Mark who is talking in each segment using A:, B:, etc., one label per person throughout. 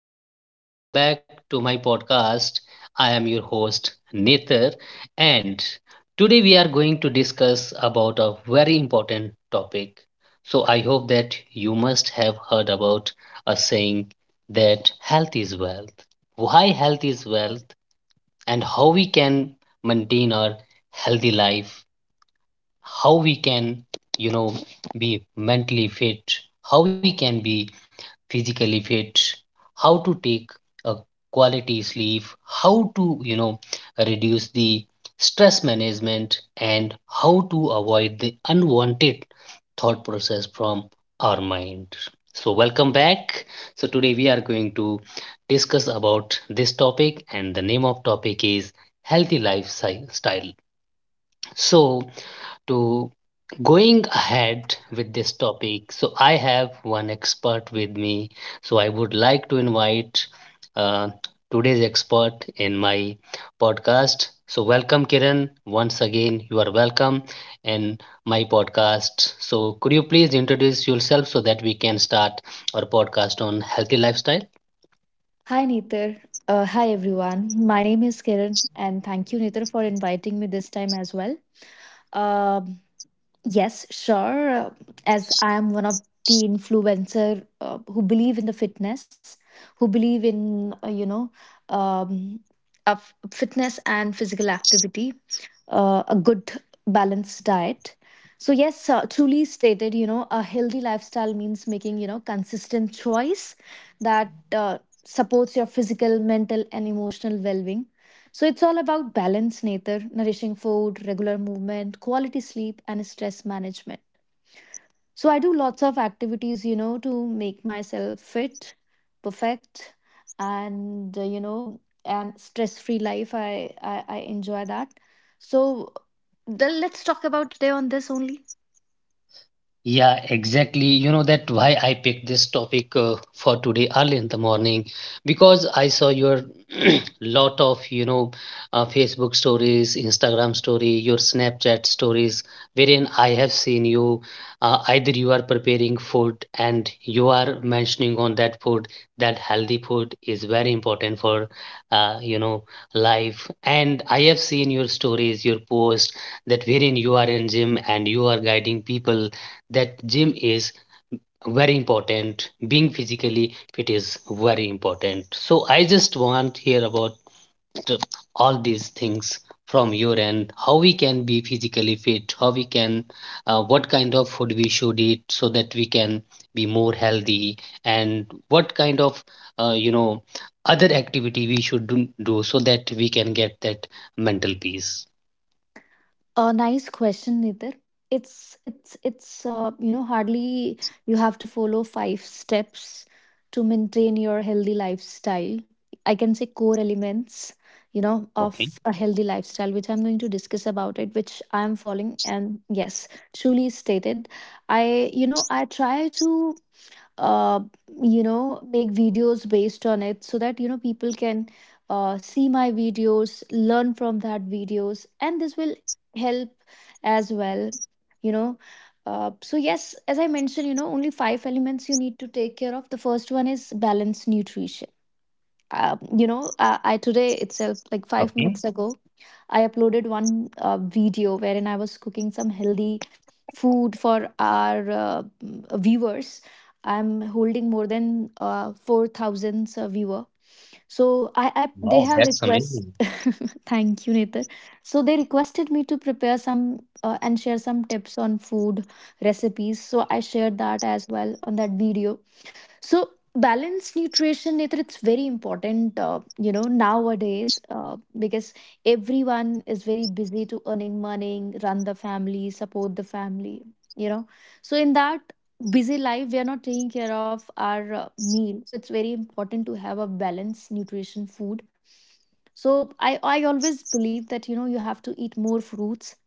A: everyone. Welcome back to my podcast. I am your host Nether, and today we are going to discuss about a very important topic. So I hope that you must have heard about a saying that health is wealth. Why health is wealth, and how we can maintain our healthy life, how we can, you know, be mentally fit, how we can be physically fit, how to take a quality sleep, how to reduce the stress management, and how to avoid the unwanted thought process from our mind. So welcome back. So today we are going to discuss about this topic, and the name of topic is healthy lifestyle. So to going ahead with this topic, so I have one expert with me. So I would like to invite uh, today's expert in my podcast. So, welcome, Kiran. Once again, you are welcome in my podcast. So, could you please introduce yourself so that we can start our podcast on healthy lifestyle?
B: Hi, Nithar. Hi, everyone. My name is Kiran, and thank you, Nithar, for inviting me this time as well. Um, yes, sure. As I am one of the influencer who believe in the fitness, who believe in um, of fitness and physical activity, a good balanced diet. So yes, truly stated, you know, a healthy lifestyle means making, you know, consistent choice that supports your physical, mental and emotional well-being. So it's all about balance nature, nourishing food, regular movement, quality sleep and stress management. So I do lots of activities, you know, to make myself fit, perfect, and you know, and stress-free life. I enjoy that. So let's talk about today on this only.
A: Yeah, exactly. You know that why I picked this topic for today early in the morning, because I saw your lot of Facebook stories, Instagram story, your Snapchat stories, wherein I have seen you, either you are preparing food and you are mentioning on that food that healthy food is very important for uh, you know life, and I have seen your stories, your posts, that wherein you are in gym and you are guiding people that gym is very important, being physically fit is very important. So I just want to hear about the- all these things from your end, how we can be physically fit, how we can, what kind of food we should eat so that we can be more healthy, and what kind of uh, you know other activity we should do, so that we can get that mental peace.
B: A nice question, Nitir. It's you know, hardly you have to follow five steps to maintain your healthy lifestyle. I can say core elements, you know,
A: Okay.
B: of a healthy lifestyle, which I'm going to discuss about it, which I am following. And yes, truly stated, I, you know, I try to uh, you know, make videos based on it so that, you know, people can see my videos, learn from that videos, and this will help as well, you know. So yes, as I mentioned, you know, only five elements you need to take care of. The first one is balanced nutrition. I today itself, like five
A: Okay.
B: minutes ago, I uploaded one video wherein I was cooking some healthy food for our viewers. I'm holding more than 4,000 viewer. So I they
A: Wow,
B: have
A: that's
B: request.
A: amazing.
B: Thank you, Nether. So they requested me to prepare some and share some tips on food recipes, so I shared that as well on that video. So balanced nutrition, Netra, it's very important, you know, nowadays, because everyone is very busy to earning money, run the family, support the family, you know. So in that busy life, we are not taking care of our meal. So it's very important to have a balanced nutrition food. So I always believe that, you know, you have to eat more fruits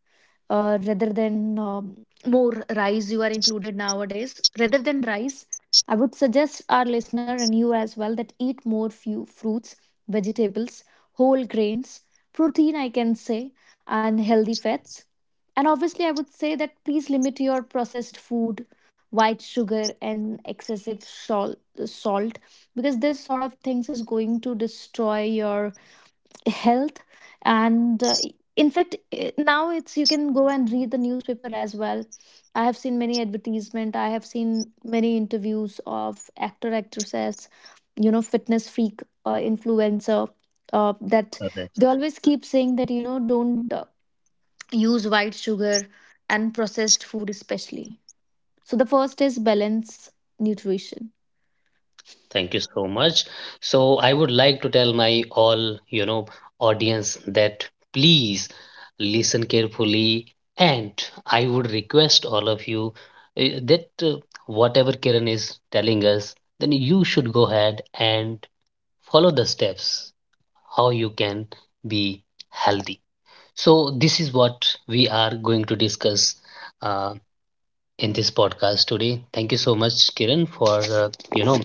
B: rather than more rice you are included nowadays. Rather than rice, I would suggest our listener and you as well that eat more few fruits, vegetables, whole grains, protein, I can say, and healthy fats. And obviously I would say that please limit your processed food, white sugar and excessive salt, because this sort of things is going to destroy your health. And in fact, now it's, you can go and read the newspaper as well. I have seen many advertisement, I have seen many interviews of actor actresses, you know, fitness freak influencer, that they always keep saying that, you know, don't use white sugar and processed food especially. So the first is balance nutrition.
A: Thank you so much. So I would like to tell my all, you know, audience that please listen carefully, and I would request all of you, that whatever Kiran is telling us, then you should go ahead and follow the steps how you can be healthy. So this is what we are going to discuss uh, in this podcast today. Thank you so much, Kiran, for uh, you know,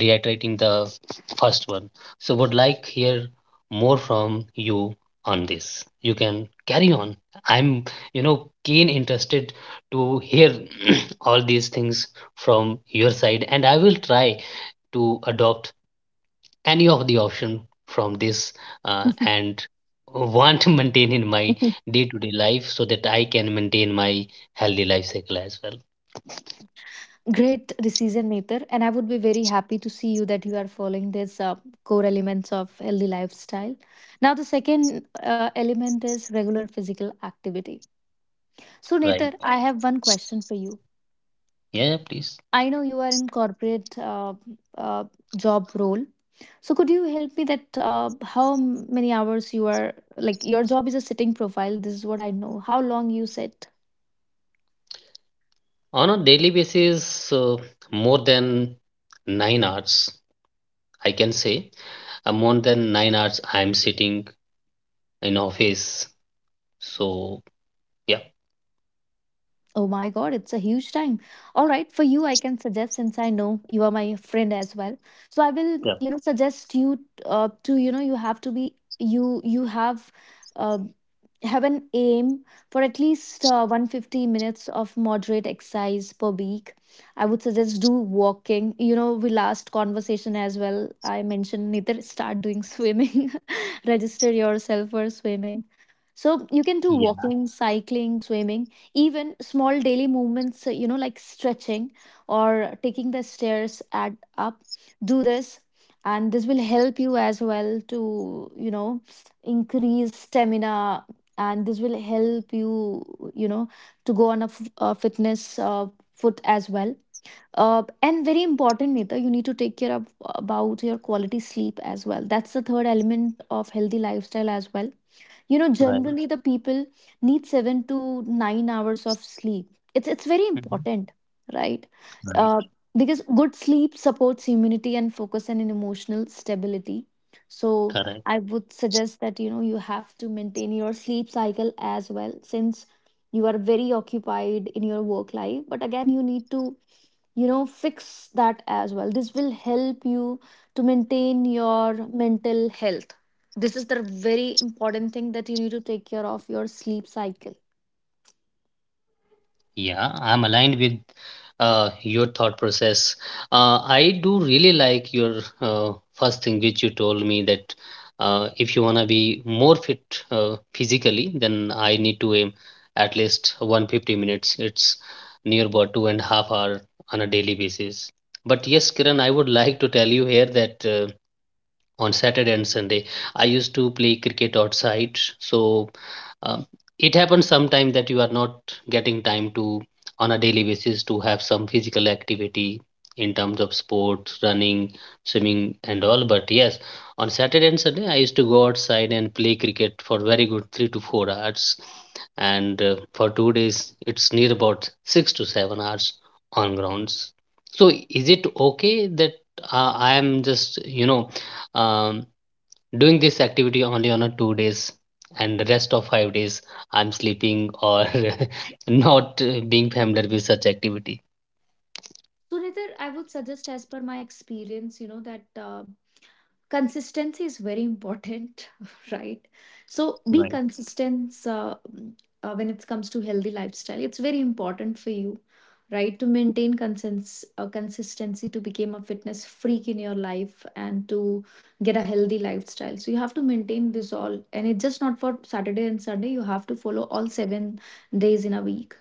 A: reiterating the first one. So would like hear more from you on this. You can carry on. I'm, you know, keen interested to hear all these things from your side, and I will try to adopt any of the option from this, and want to maintain in my day-to-day life so that I can maintain my healthy life cycle as well.
B: Great decision maker, and I would be very happy to see you that you are following these core elements of healthy lifestyle. Now the second element is regular physical activity. So Nether,
A: Right.
B: I have one question for you.
A: Yeah, yeah, please.
B: I know you are in corporate uh, job role. So could you help me that how many hours you are, like your job is a sitting profile, this is what I know, how long you sit?
A: On a daily basis, more than 9 hours, I can say, more than 9 hours I'm sitting in office. So yeah.
B: Oh my god, it's a huge time. All right, for you, I can suggest, since I know you are my friend as well. So I will,
A: Yeah,
B: you know, suggest you to, you know, you have to be, um, have an aim for at least 150 minutes of moderate exercise per week. I would suggest do walking. You know, we last conversation as well, I mentioned neither start doing swimming, register yourself for swimming. So you can do
A: yeah.
B: walking, cycling, swimming, even small daily movements, you know, like stretching or taking the stairs, add up, do this. And this will help you as well to, you know, increase stamina. And this will help you, you know, to go on a a fitness foot as well. And very important, Nita, you need to take care of about your quality sleep as well. That's the third element of healthy lifestyle as well. You know,
A: Right.
B: generally the people need 7 to 9 hours of sleep. It's very
A: Mhm.
B: important, right? uh,
A: Right.
B: because good sleep supports immunity and focus and an emotional stability. So
A: Correct.
B: I would suggest that, you know, you have to maintain your sleep cycle as well, since you are very occupied in your work life, but again you need to, you know, fix that as well. This will help you to maintain your mental health. This is the very important thing, that you need to take care of your sleep cycle.
A: Yeah, I'm aligned with your thought process. I do really like your first thing, which you told me that if you want to be more fit physically, then I need to aim at least 150 minutes. It's near about two and a half hour on a daily basis. But yes, Kiran, I would like to tell you here that, on Saturday and Sunday, I used to play cricket outside. So um, it happens sometime that you are not getting time to, on a daily basis, to have some physical activity in terms of sports, running, swimming, and all. But yes, on Saturday and Sunday, I used to go outside and play cricket for very good 3 to 4 hours, and for 2 days, it's near about 6 to 7 hours on grounds. So, is it okay that I am just, you know, um, doing this activity only on a 2 days, and the rest of 5 days I'm sleeping or not being familiar with such activity?
B: So, Nitar, I would suggest, as per my experience, you know, that consistency is very important. Right, so be
A: Right.
B: consistent. When it comes to healthy lifestyle, it's very important for you, right, to maintain consistency to become a fitness freak in your life and to get a healthy lifestyle. So you have to maintain this all, and it's just not for Saturday and Sunday, you have to follow all 7 days in a week.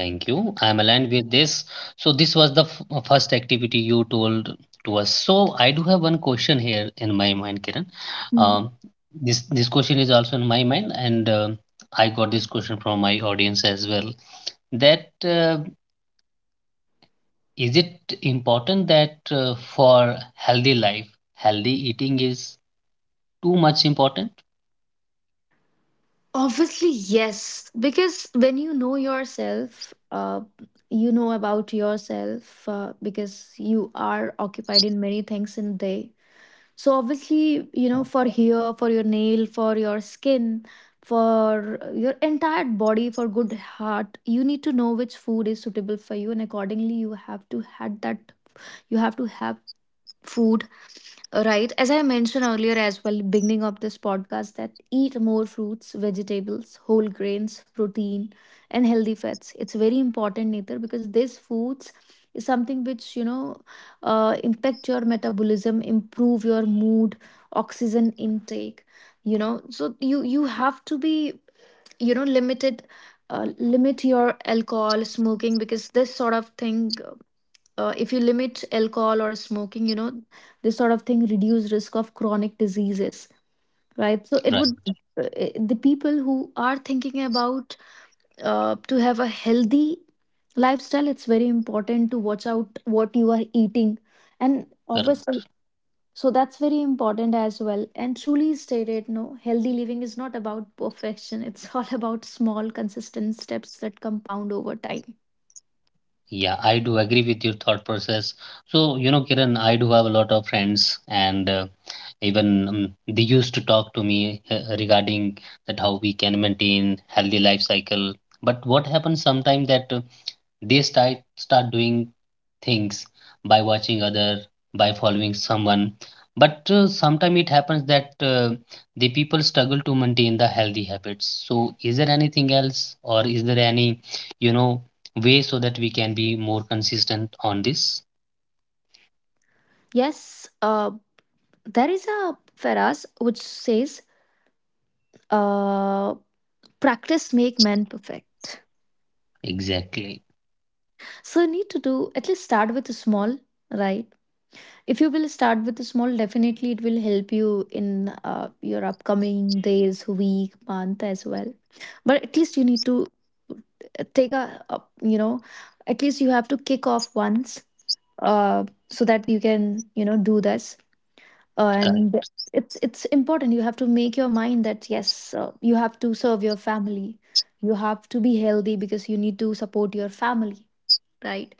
A: Thank you. I'm aligned with this. So this was the first activity you told to us. So I do have one question here in my mind, Kiran. Um, this this question is also in my mind, and I got this question from my audience as well, that is it important that, for healthy life, healthy eating is too much important?
B: Obviously, yes. Because when you know yourself, you know about yourself, because you are occupied in many things in the day. So obviously, you know, for hair, for your nail, for your skin, for your entire body, for good heart, you need to know which food is suitable for you, and accordingly you have to had that. You have to have food. Right, as I mentioned earlier as well, beginning of this podcast, that eat more fruits, vegetables, whole grains, protein, and healthy fats. It's very important, Neither, because these foods is something which, you know, impact your metabolism, improve your mood, oxygen intake. You know, so you have to be, you know, limited. Limit your alcohol smoking, because this sort of thing, if you limit alcohol or smoking, you know, this sort of thing reduce risk of chronic diseases, right? So it
A: Right.
B: would, the people who are thinking about to have a healthy lifestyle, it's very important to watch out what you are eating. And obviously,
A: Correct.
B: so that's very important as well. And truly stated, no, healthy living is not about perfection. It's all about small consistent steps that compound over time.
A: Yeah, I do agree with your thought process. So, you know, Kiran, I do have a lot of friends, and even they used to talk to me regarding that how we can maintain healthy life cycle. But what happens sometimes that they start doing things by watching other, by following someone. But sometimes it happens that the people struggle to maintain the healthy habits. So is there anything else, or is there any, you know, way so that we can be more consistent on this?
B: Yes, there is a phrase which says, uh, practice make man perfect.
A: Exactly.
B: So you need to do, at least start with small, right? If you will start with small, definitely it will help you in your upcoming days, week, month as well. But at least you need to take a, you know, at least you have to kick off once, uh so that you can, you know, do this. And
A: Correct.
B: it's important, you have to make your mind that yes, you have to serve your family, you have to be healthy because you need to support your family, right?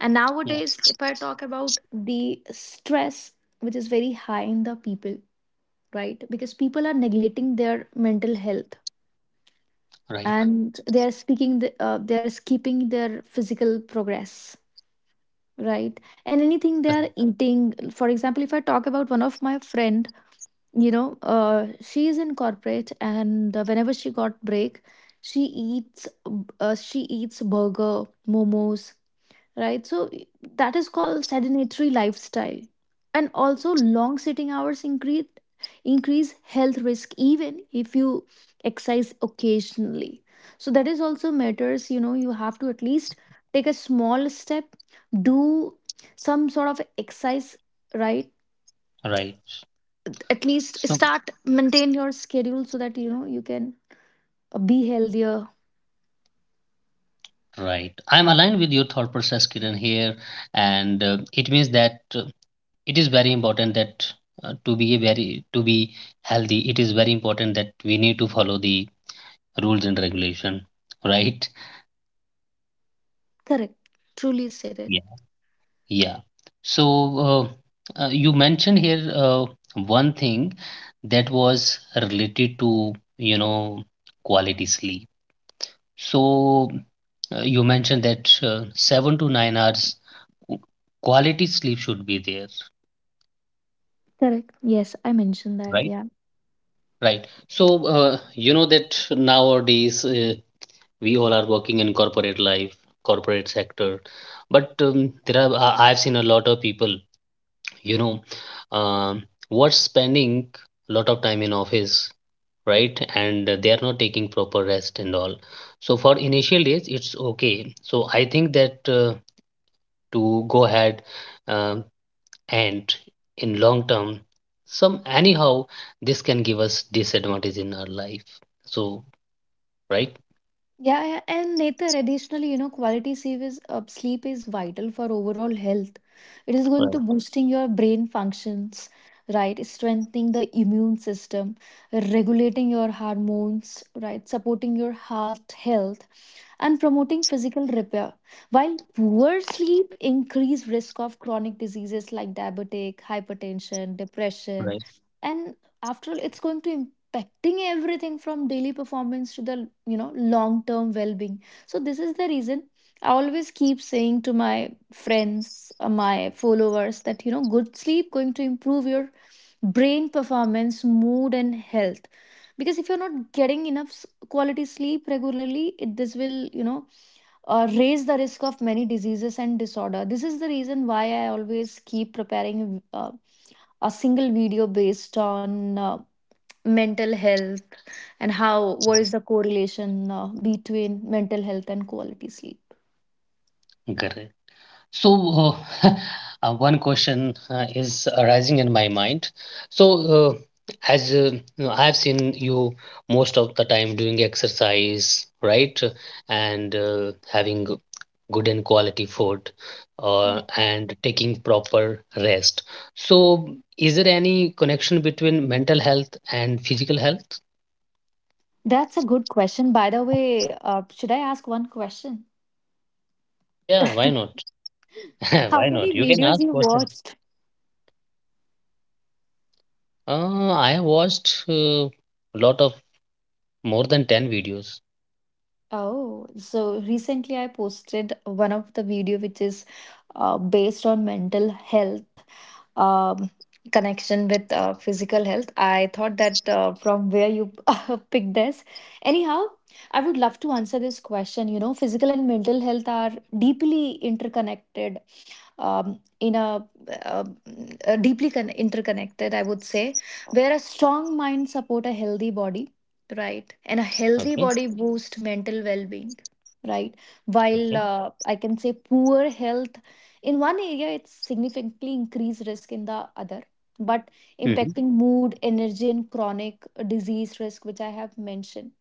B: And
A: Yeah.
B: nowadays, if I talk about the stress, which is very high in the people, right, because people are neglecting their mental health,
A: Right.
B: and they are speaking they are skipping their physical progress, right? And anything they
A: Correct.
B: are eating. For example, if I talk about one of my friend, you know, she is in corporate, and whenever she got break, she eats, she eats burger, momos, right? So that is called sedentary lifestyle. And also long sitting hours increase health risk, even if you exercise occasionally. So that is also matters, you know, you have to at least take a small step, do some sort of exercise, right?
A: Right.
B: At least
A: So
B: start maintain your schedule so that, you know, you can be healthier.
A: right. I'm aligned with your thought process, Kiran, here. And it means that it is very important that, to be healthy, it is very important that we need to follow the rules and regulation. Right.
B: Correct, truly stated.
A: Yeah. Yeah. So uh, you mentioned here one thing that was related to, you know, quality sleep. So you mentioned that 7 to 9 hours qu- quality sleep should be there.
B: Correct, yes, I mentioned that,
A: Right.
B: yeah.
A: Right. So uh, you know that nowadays we all are working in corporate life, corporate sector. But there are I've seen a lot of people, you know, um were spending a lot of time in office, right, and they are not taking proper rest and all. So for initial days it's okay. So I think that to go ahead um and in long term, some anyhow, this can give us disadvantage in our life. So right.
B: Yeah, yeah, and Netar, additionally, you know, quality sleep is vital for overall health. It is going to
A: Right.
B: boosting your brain functions, right? Strengthening the immune system, regulating your hormones, right? Supporting your heart health, and promoting physical repair. While poor sleep increase risk of chronic diseases like diabetic, hypertension, depression,
A: Right.
B: and after all, it's going to affecting everything from daily performance to the long term well being. So this is the reason I always keep saying to my friends, my followers that you know good sleep going to improve your brain performance, mood and health. Because if you're not getting enough quality sleep regularly this will raise the risk of many diseases and disorder. This is the reason why I always keep preparing a single video based on mental health and how what is the correlation between mental health and quality sleep.
A: Correct. So, uh, one question is arising in my mind. So, as you know, I have seen you most of the time doing exercise, right? And having good and quality food,
B: Hmm.
A: and taking proper rest. So, is there any connection between mental health and physical health?
B: That's a good question. By the way, should I ask one question?
A: Yeah, yeah, why not?
B: How
A: Why
B: many
A: not? You can
B: videos
A: ask
B: you
A: questions.
B: watched?
A: I watched a lot of more than 10 videos.
B: Oh, so recently I posted one of the video which is based on mental health, um, connection with physical health. I thought that from where you picked this. Anyhow, I would love to answer this question. You know, physical and mental health are deeply interconnected, um, in a, uh, deeply interconnected, I would say, where a strong mind support a healthy body, right? And a healthy
A: Okay.
B: body boosts mental well-being, right?
A: Okay.
B: While I can say poor health in one area, it significantly increase risk in the other, but
A: Mhm.
B: impacting mood, energy and chronic disease risk, which I have mentioned.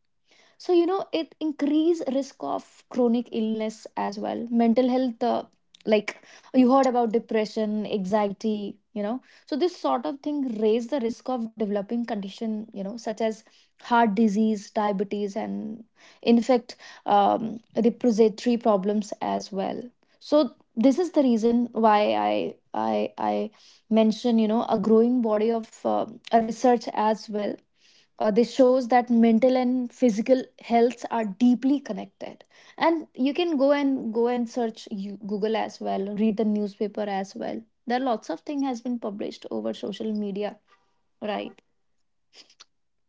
B: So you know it increase risk of chronic illness as well, mental health like you heard about depression, anxiety, you know, so this sort of thing raise the risk of developing condition, you know, such as heart disease, diabetes and, in fact, respiratory problems as well. So this is the reason why I mention, you know, a growing body of a research as well. This shows that mental and physical health are deeply connected, and you can go and search you, Google as well, read the newspaper as well. There are lots of thing has been published over social media, right?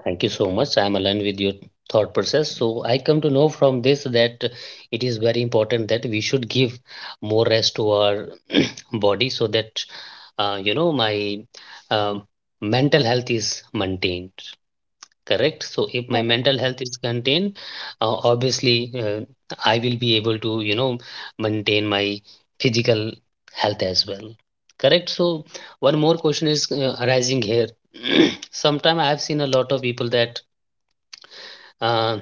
A: Thank you so much. I'm aligned with your thought process. So I come to know from this that it is very important that we should give more rest to our body so that, you know, my um mental health is maintained. Correct. So if my
B: Correct.
A: mental health is contained, obviously uh, I will be able to, you know, maintain my physical health as well. Correct. So one more question is arising here. Sometime I have seen a lot of people that uh,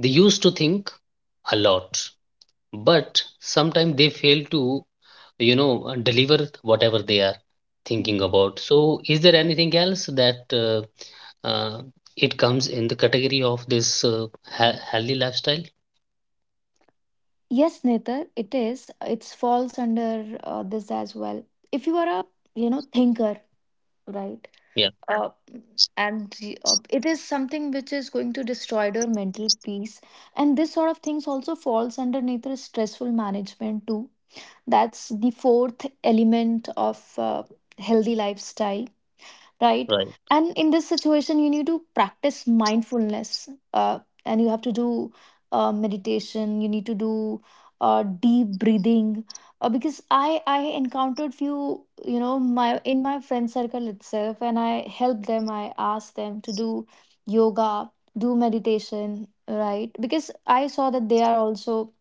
A: they used to think a lot, but sometimes they fail to, you know, deliver whatever they are thinking
B: Mhm.
A: about. So is there anything else that it comes in the category of this healthy lifestyle?
B: Yes, Netar, it is, it's falls under this as well. If you are a, you know, thinker, right?
A: Yeah.
B: uh, it is something which is going to destroy their mental peace, and this sort of things also falls underneath the stressful management too. That's the fourth element of healthy lifestyle, right?
A: Right.
B: And in this situation, you need to practice mindfulness and you have to do meditation, you need to do deep breathing because I encountered few, you know, my in my friend circle itself and I helped them, I asked them to do yoga, do meditation, right? Because I saw that they are also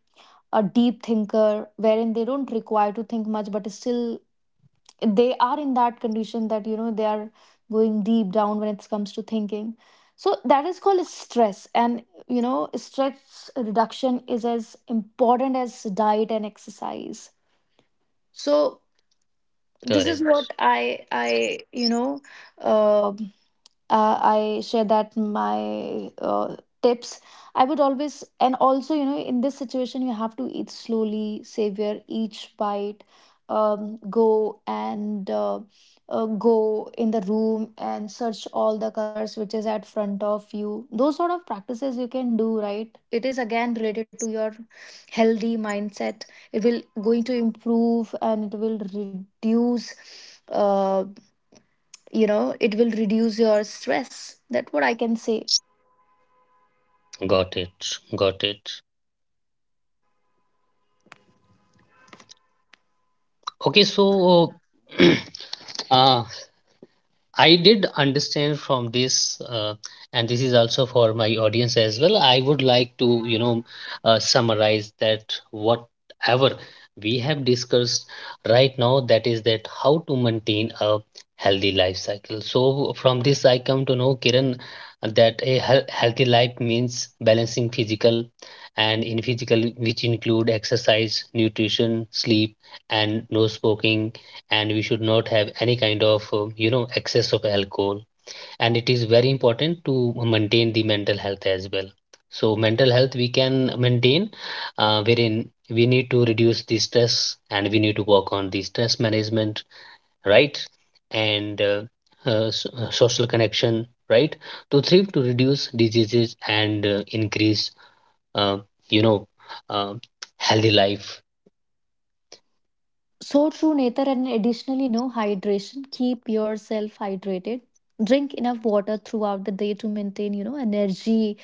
B: a deep thinker wherein they don't require to think much, but still they are in that condition that, you know, they are going deep down when it comes to thinking. So that is called stress, and you know stress reduction is as important as diet and exercise. So this is what
A: Correct.
B: I you know, um I share that my tips, I would always. And also you know, in this situation you have to eat slowly, savor each bite, go and go in the room and search all the colors which is at front of you. Those sort of practices you can do, right? It is again related to your healthy mindset. It will going to improve and it will reduce uh, you know, it will reduce your stress. That's what I can say.
A: Got it. Got it. Okay. So uh, I did understand from this, and this is also for my audience as well. I would like to, you know, summarize that whatever we have discussed right now, that is that how to maintain a healthy life cycle. So from this, I come to know, Kiran, that a healthy life means balancing physical, and in physical, which include exercise, nutrition, sleep, and no smoking, and we should not have any kind of, you know, excess of alcohol. And it is very important to maintain the mental health as well. So mental health we can maintain wherein we need to reduce the stress and we need to work on the stress management. Right. And social connection, right, to thrive to reduce diseases and increase uh, you know uh, healthy life.
B: So true, Nether, and additionally, no hydration, keep yourself hydrated, drink enough water throughout the day to maintain, you know, energy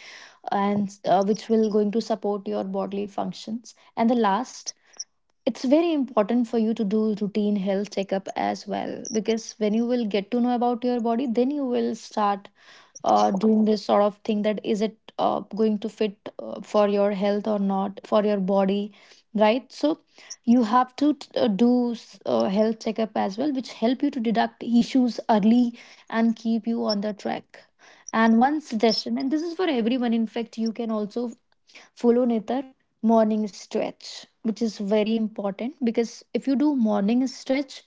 B: and which will going to support your bodily functions. And the last, it's very important for you to do routine health checkup as well, because when you will get to know about your body, then you will start doing this sort of thing, that is it going to fit for your health or not for your body, right? So you have to do health checkup as well, which help you to deduct issues early and keep you on the track. And one suggestion, and this is for everyone, in fact, you can also follow Nitar morning stretch, which is very important, because if you do morning stretch,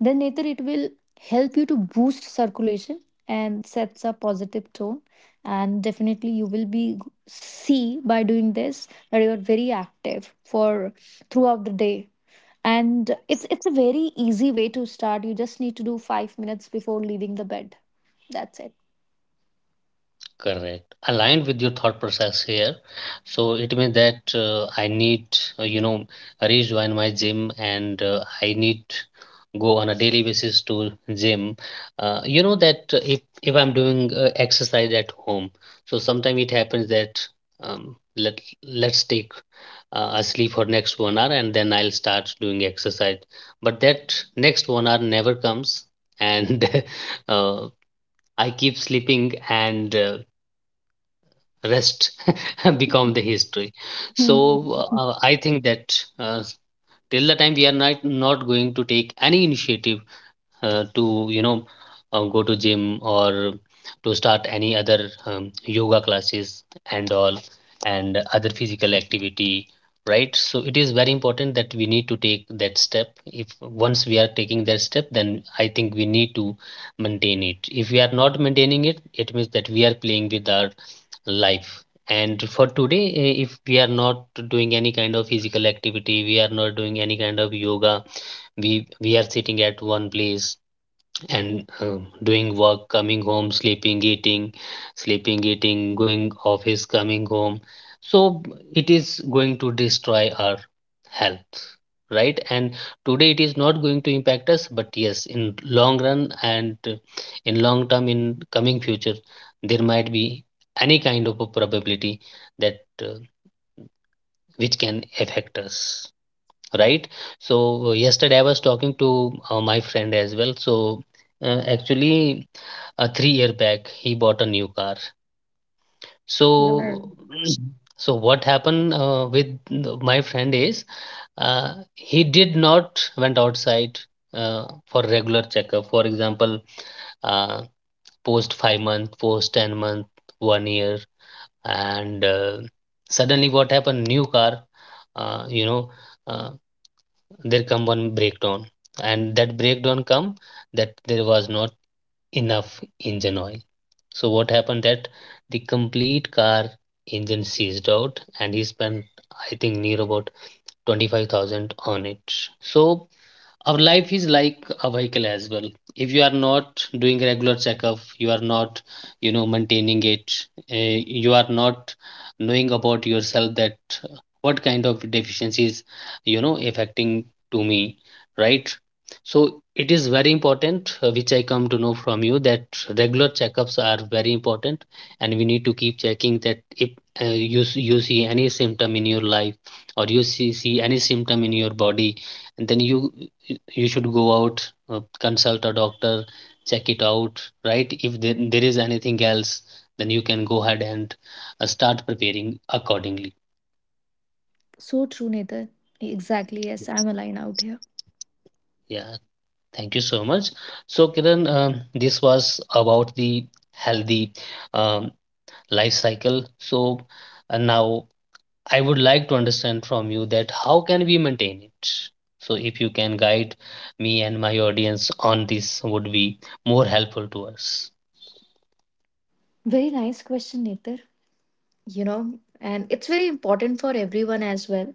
B: then Nitar it will help you to boost circulation and sets a positive tone. And definitely you will be see by doing this that you are very active for throughout the day. And it's a very easy way to start. You just need to do 5 minutes before leaving the bed. That's it.
A: Correct. Aligned with your thought process here. So it means that I need, you know, rejoin my gym, and I need go on a daily basis to gym. You know that if I'm doing exercise at home, so sometimes it happens that, um, let let's take a sleep for next one hour, and then I'll start doing exercise. But that next one hour never comes, and uh, I keep sleeping, and rest become the history. So
B: Hmm.
A: I think that uh, till the time we are not going to take any initiative to you know go to gym or to start any other yoga classes and all and other physical activity, right? So it is very important that we need to take that step. If once we are taking that step, then I think we need to maintain it. If we are not maintaining it, it means that we are playing with our life. And for today, if we are not doing any kind of physical activity, we are not doing any kind of yoga, we are sitting at one place and doing work, coming home, sleeping, eating, sleeping, eating, going office, coming home, so it is going to destroy our health, right? And today it is not going to impact us, but yes, in long run, and in long term, in coming future, there might be any kind of a probability that which can affect us, right? So yesterday I was talking to my friend as well. So actually, 3-year back he bought a new car.
B: Right.
A: So so what happened my friend is, he did not went outside for regular checkup. For example, uh, post 5 month, post 10 month, 1 year, and suddenly what happened, new car, uh, you know uh, there come one breakdown, and that breakdown come that there was not enough engine oil. So what happened that the complete car engine seized out, and he spent, I think, near about 25,000 on it. So our life is like a vehicle as well. If you are not doing regular checkup, you are not, you know, maintaining it. You are not knowing about yourself that uh, what kind of deficiencies, you know, affecting to me, right? So it is very important, which I come to know from you, that regular checkups are very important, and we need to keep checking that if you you see any symptom in your life, or you see any symptom in your body, and then you should go out, consult a doctor, check it out, right? If there is anything else, then you can go ahead and start preparing accordingly.
B: So true, Nathan. Exactly. Yes, I'm aligned out here.
A: Yeah, thank you so much. So, Kiran, this was about the healthy um, life cycle. So, now I would like to understand from you that how can we maintain it? So, if you can guide me and my audience on this, would be more helpful to us.
B: Very nice question, Nether. You know, and it's very important for everyone as well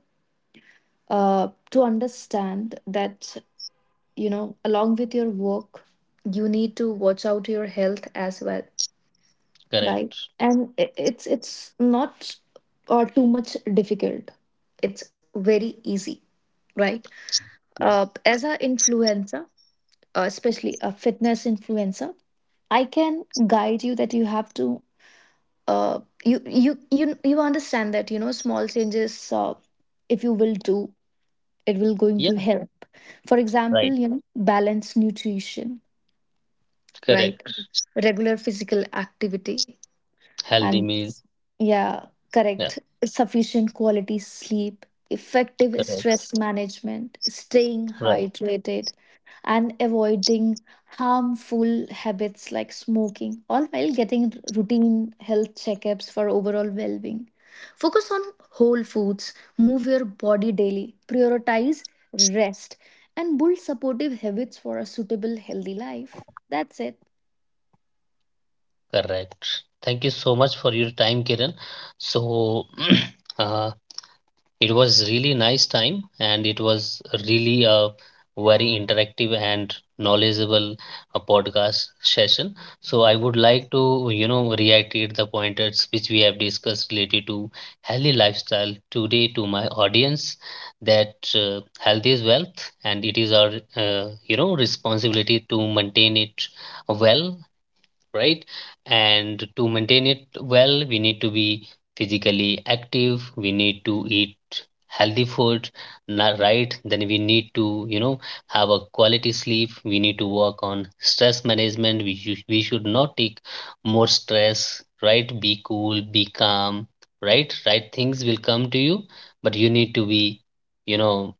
B: to understand that, you know, along with your work, you need to watch out your health as well. Right.
A: Correct.
B: And it's not too much difficult, it's very easy, right?
A: Right.
B: As a influencer, especially a fitness influencer, I can guide you that you have to, you understand that, you know, small changes, if you will do, it will going to
A: Yeah.
B: help. For example,
A: Right,
B: you know, balanced nutrition, right?
A: correct.
B: Regular physical activity, and
A: Healthy meals.
B: yeah,
A: Yeah,
B: correct, sufficient quality sleep, effective
A: correct.
B: stress management, staying
A: Right,
B: hydrated, and avoiding harmful habits like smoking, all while getting routine health checkups for overall well-being. Focus on whole foods, move your body daily, prioritize rest, and build supportive habits for a suitable healthy life. That's it.
A: correct. Thank you so much for your time, Kiran. So, uh, it was really nice time, and it was really a very interactive and knowledgeable podcast session. So I would like to, you know, reiterate the pointers which we have discussed related to healthy lifestyle today to my audience, that health is wealth, and it is our, you know, responsibility to maintain it well, right? And to maintain it well, we need to be physically active, we need to eat healthy food, right? Then we need to, you know, have a quality sleep, we need to work on stress management, we should not take more stress, right? Be cool, be calm, right? Right things will come to you, but you need to be, you know,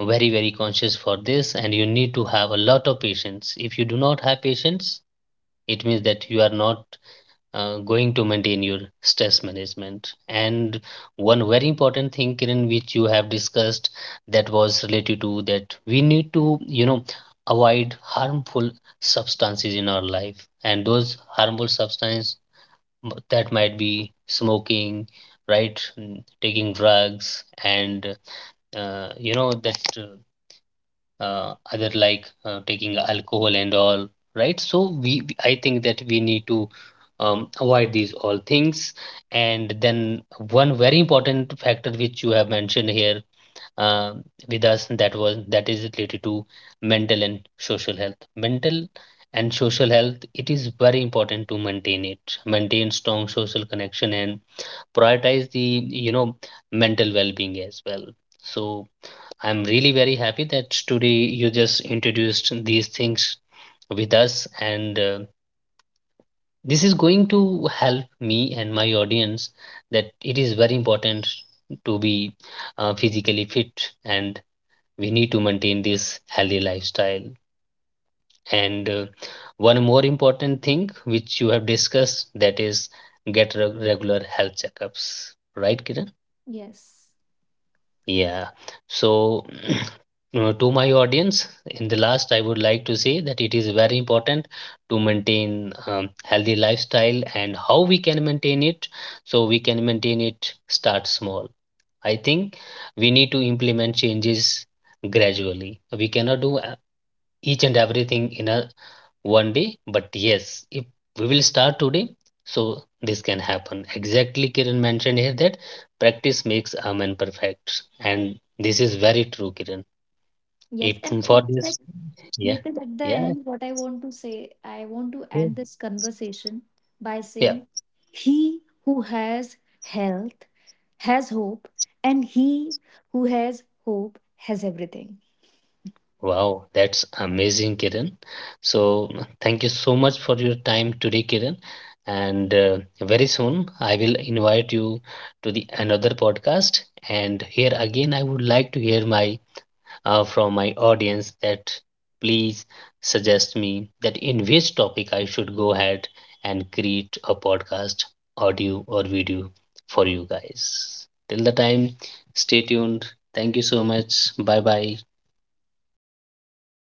A: very very conscious for this, and you need to have a lot of patience. If you do not have patience, it means that you are not going to maintain your stress management. And one very important thing, Kiran, which you have discussed, that was related to, that we need to, you know, avoid harmful substances in our life, and those harmful substances that might be smoking, right? Taking drugs, and you know that other like taking alcohol and all, right? So we, I think that we need to avoid these all things. And then one very important factor which you have mentioned here uh, with us, that was that is related to mental and social health. Mental and social health, it is very important to maintain it, maintain strong social connection and prioritize the, you know, mental well-being as well. So I'm really very happy that today you just introduced these things with us, and this is going to help me and my audience that it is very important to be physically fit, and we need to maintain this healthy lifestyle. And one more important thing which you have discussed, that is get regular health checkups, right, Kiran?
B: Yes.
A: Yeah. So, to my audience, in the last, I would like to say that it is very important to maintain healthy lifestyle, and how we can maintain it. So we can maintain it. Start small. I think we need to implement changes gradually. We cannot do each and everything in a one day, but yes, if we will start today, so this can happen. Exactly, Kiran mentioned here that practice makes a man perfect, and this is very true, Kiran.
B: Yes,
A: If
B: and
A: for
B: it's
A: this,
B: like,
A: yeah
B: Nathan, at the
A: yeah
B: end, what I want to say, I want to
A: yeah,
B: end this conversation by
A: yeah.
B: saying, he who has health has hope, and he who has hope has everything.
A: Wow, that's amazing, Kiran. So thank you so much for your time today, Kiran. And very soon I will invite you to the another podcast, and here again I would like to hear my, from my audience that please suggest me that in which topic I should go ahead and create a podcast, audio or video, for you guys. Till the time, stay tuned. Thank you so much. Bye bye.
B: Thanks, Nathan.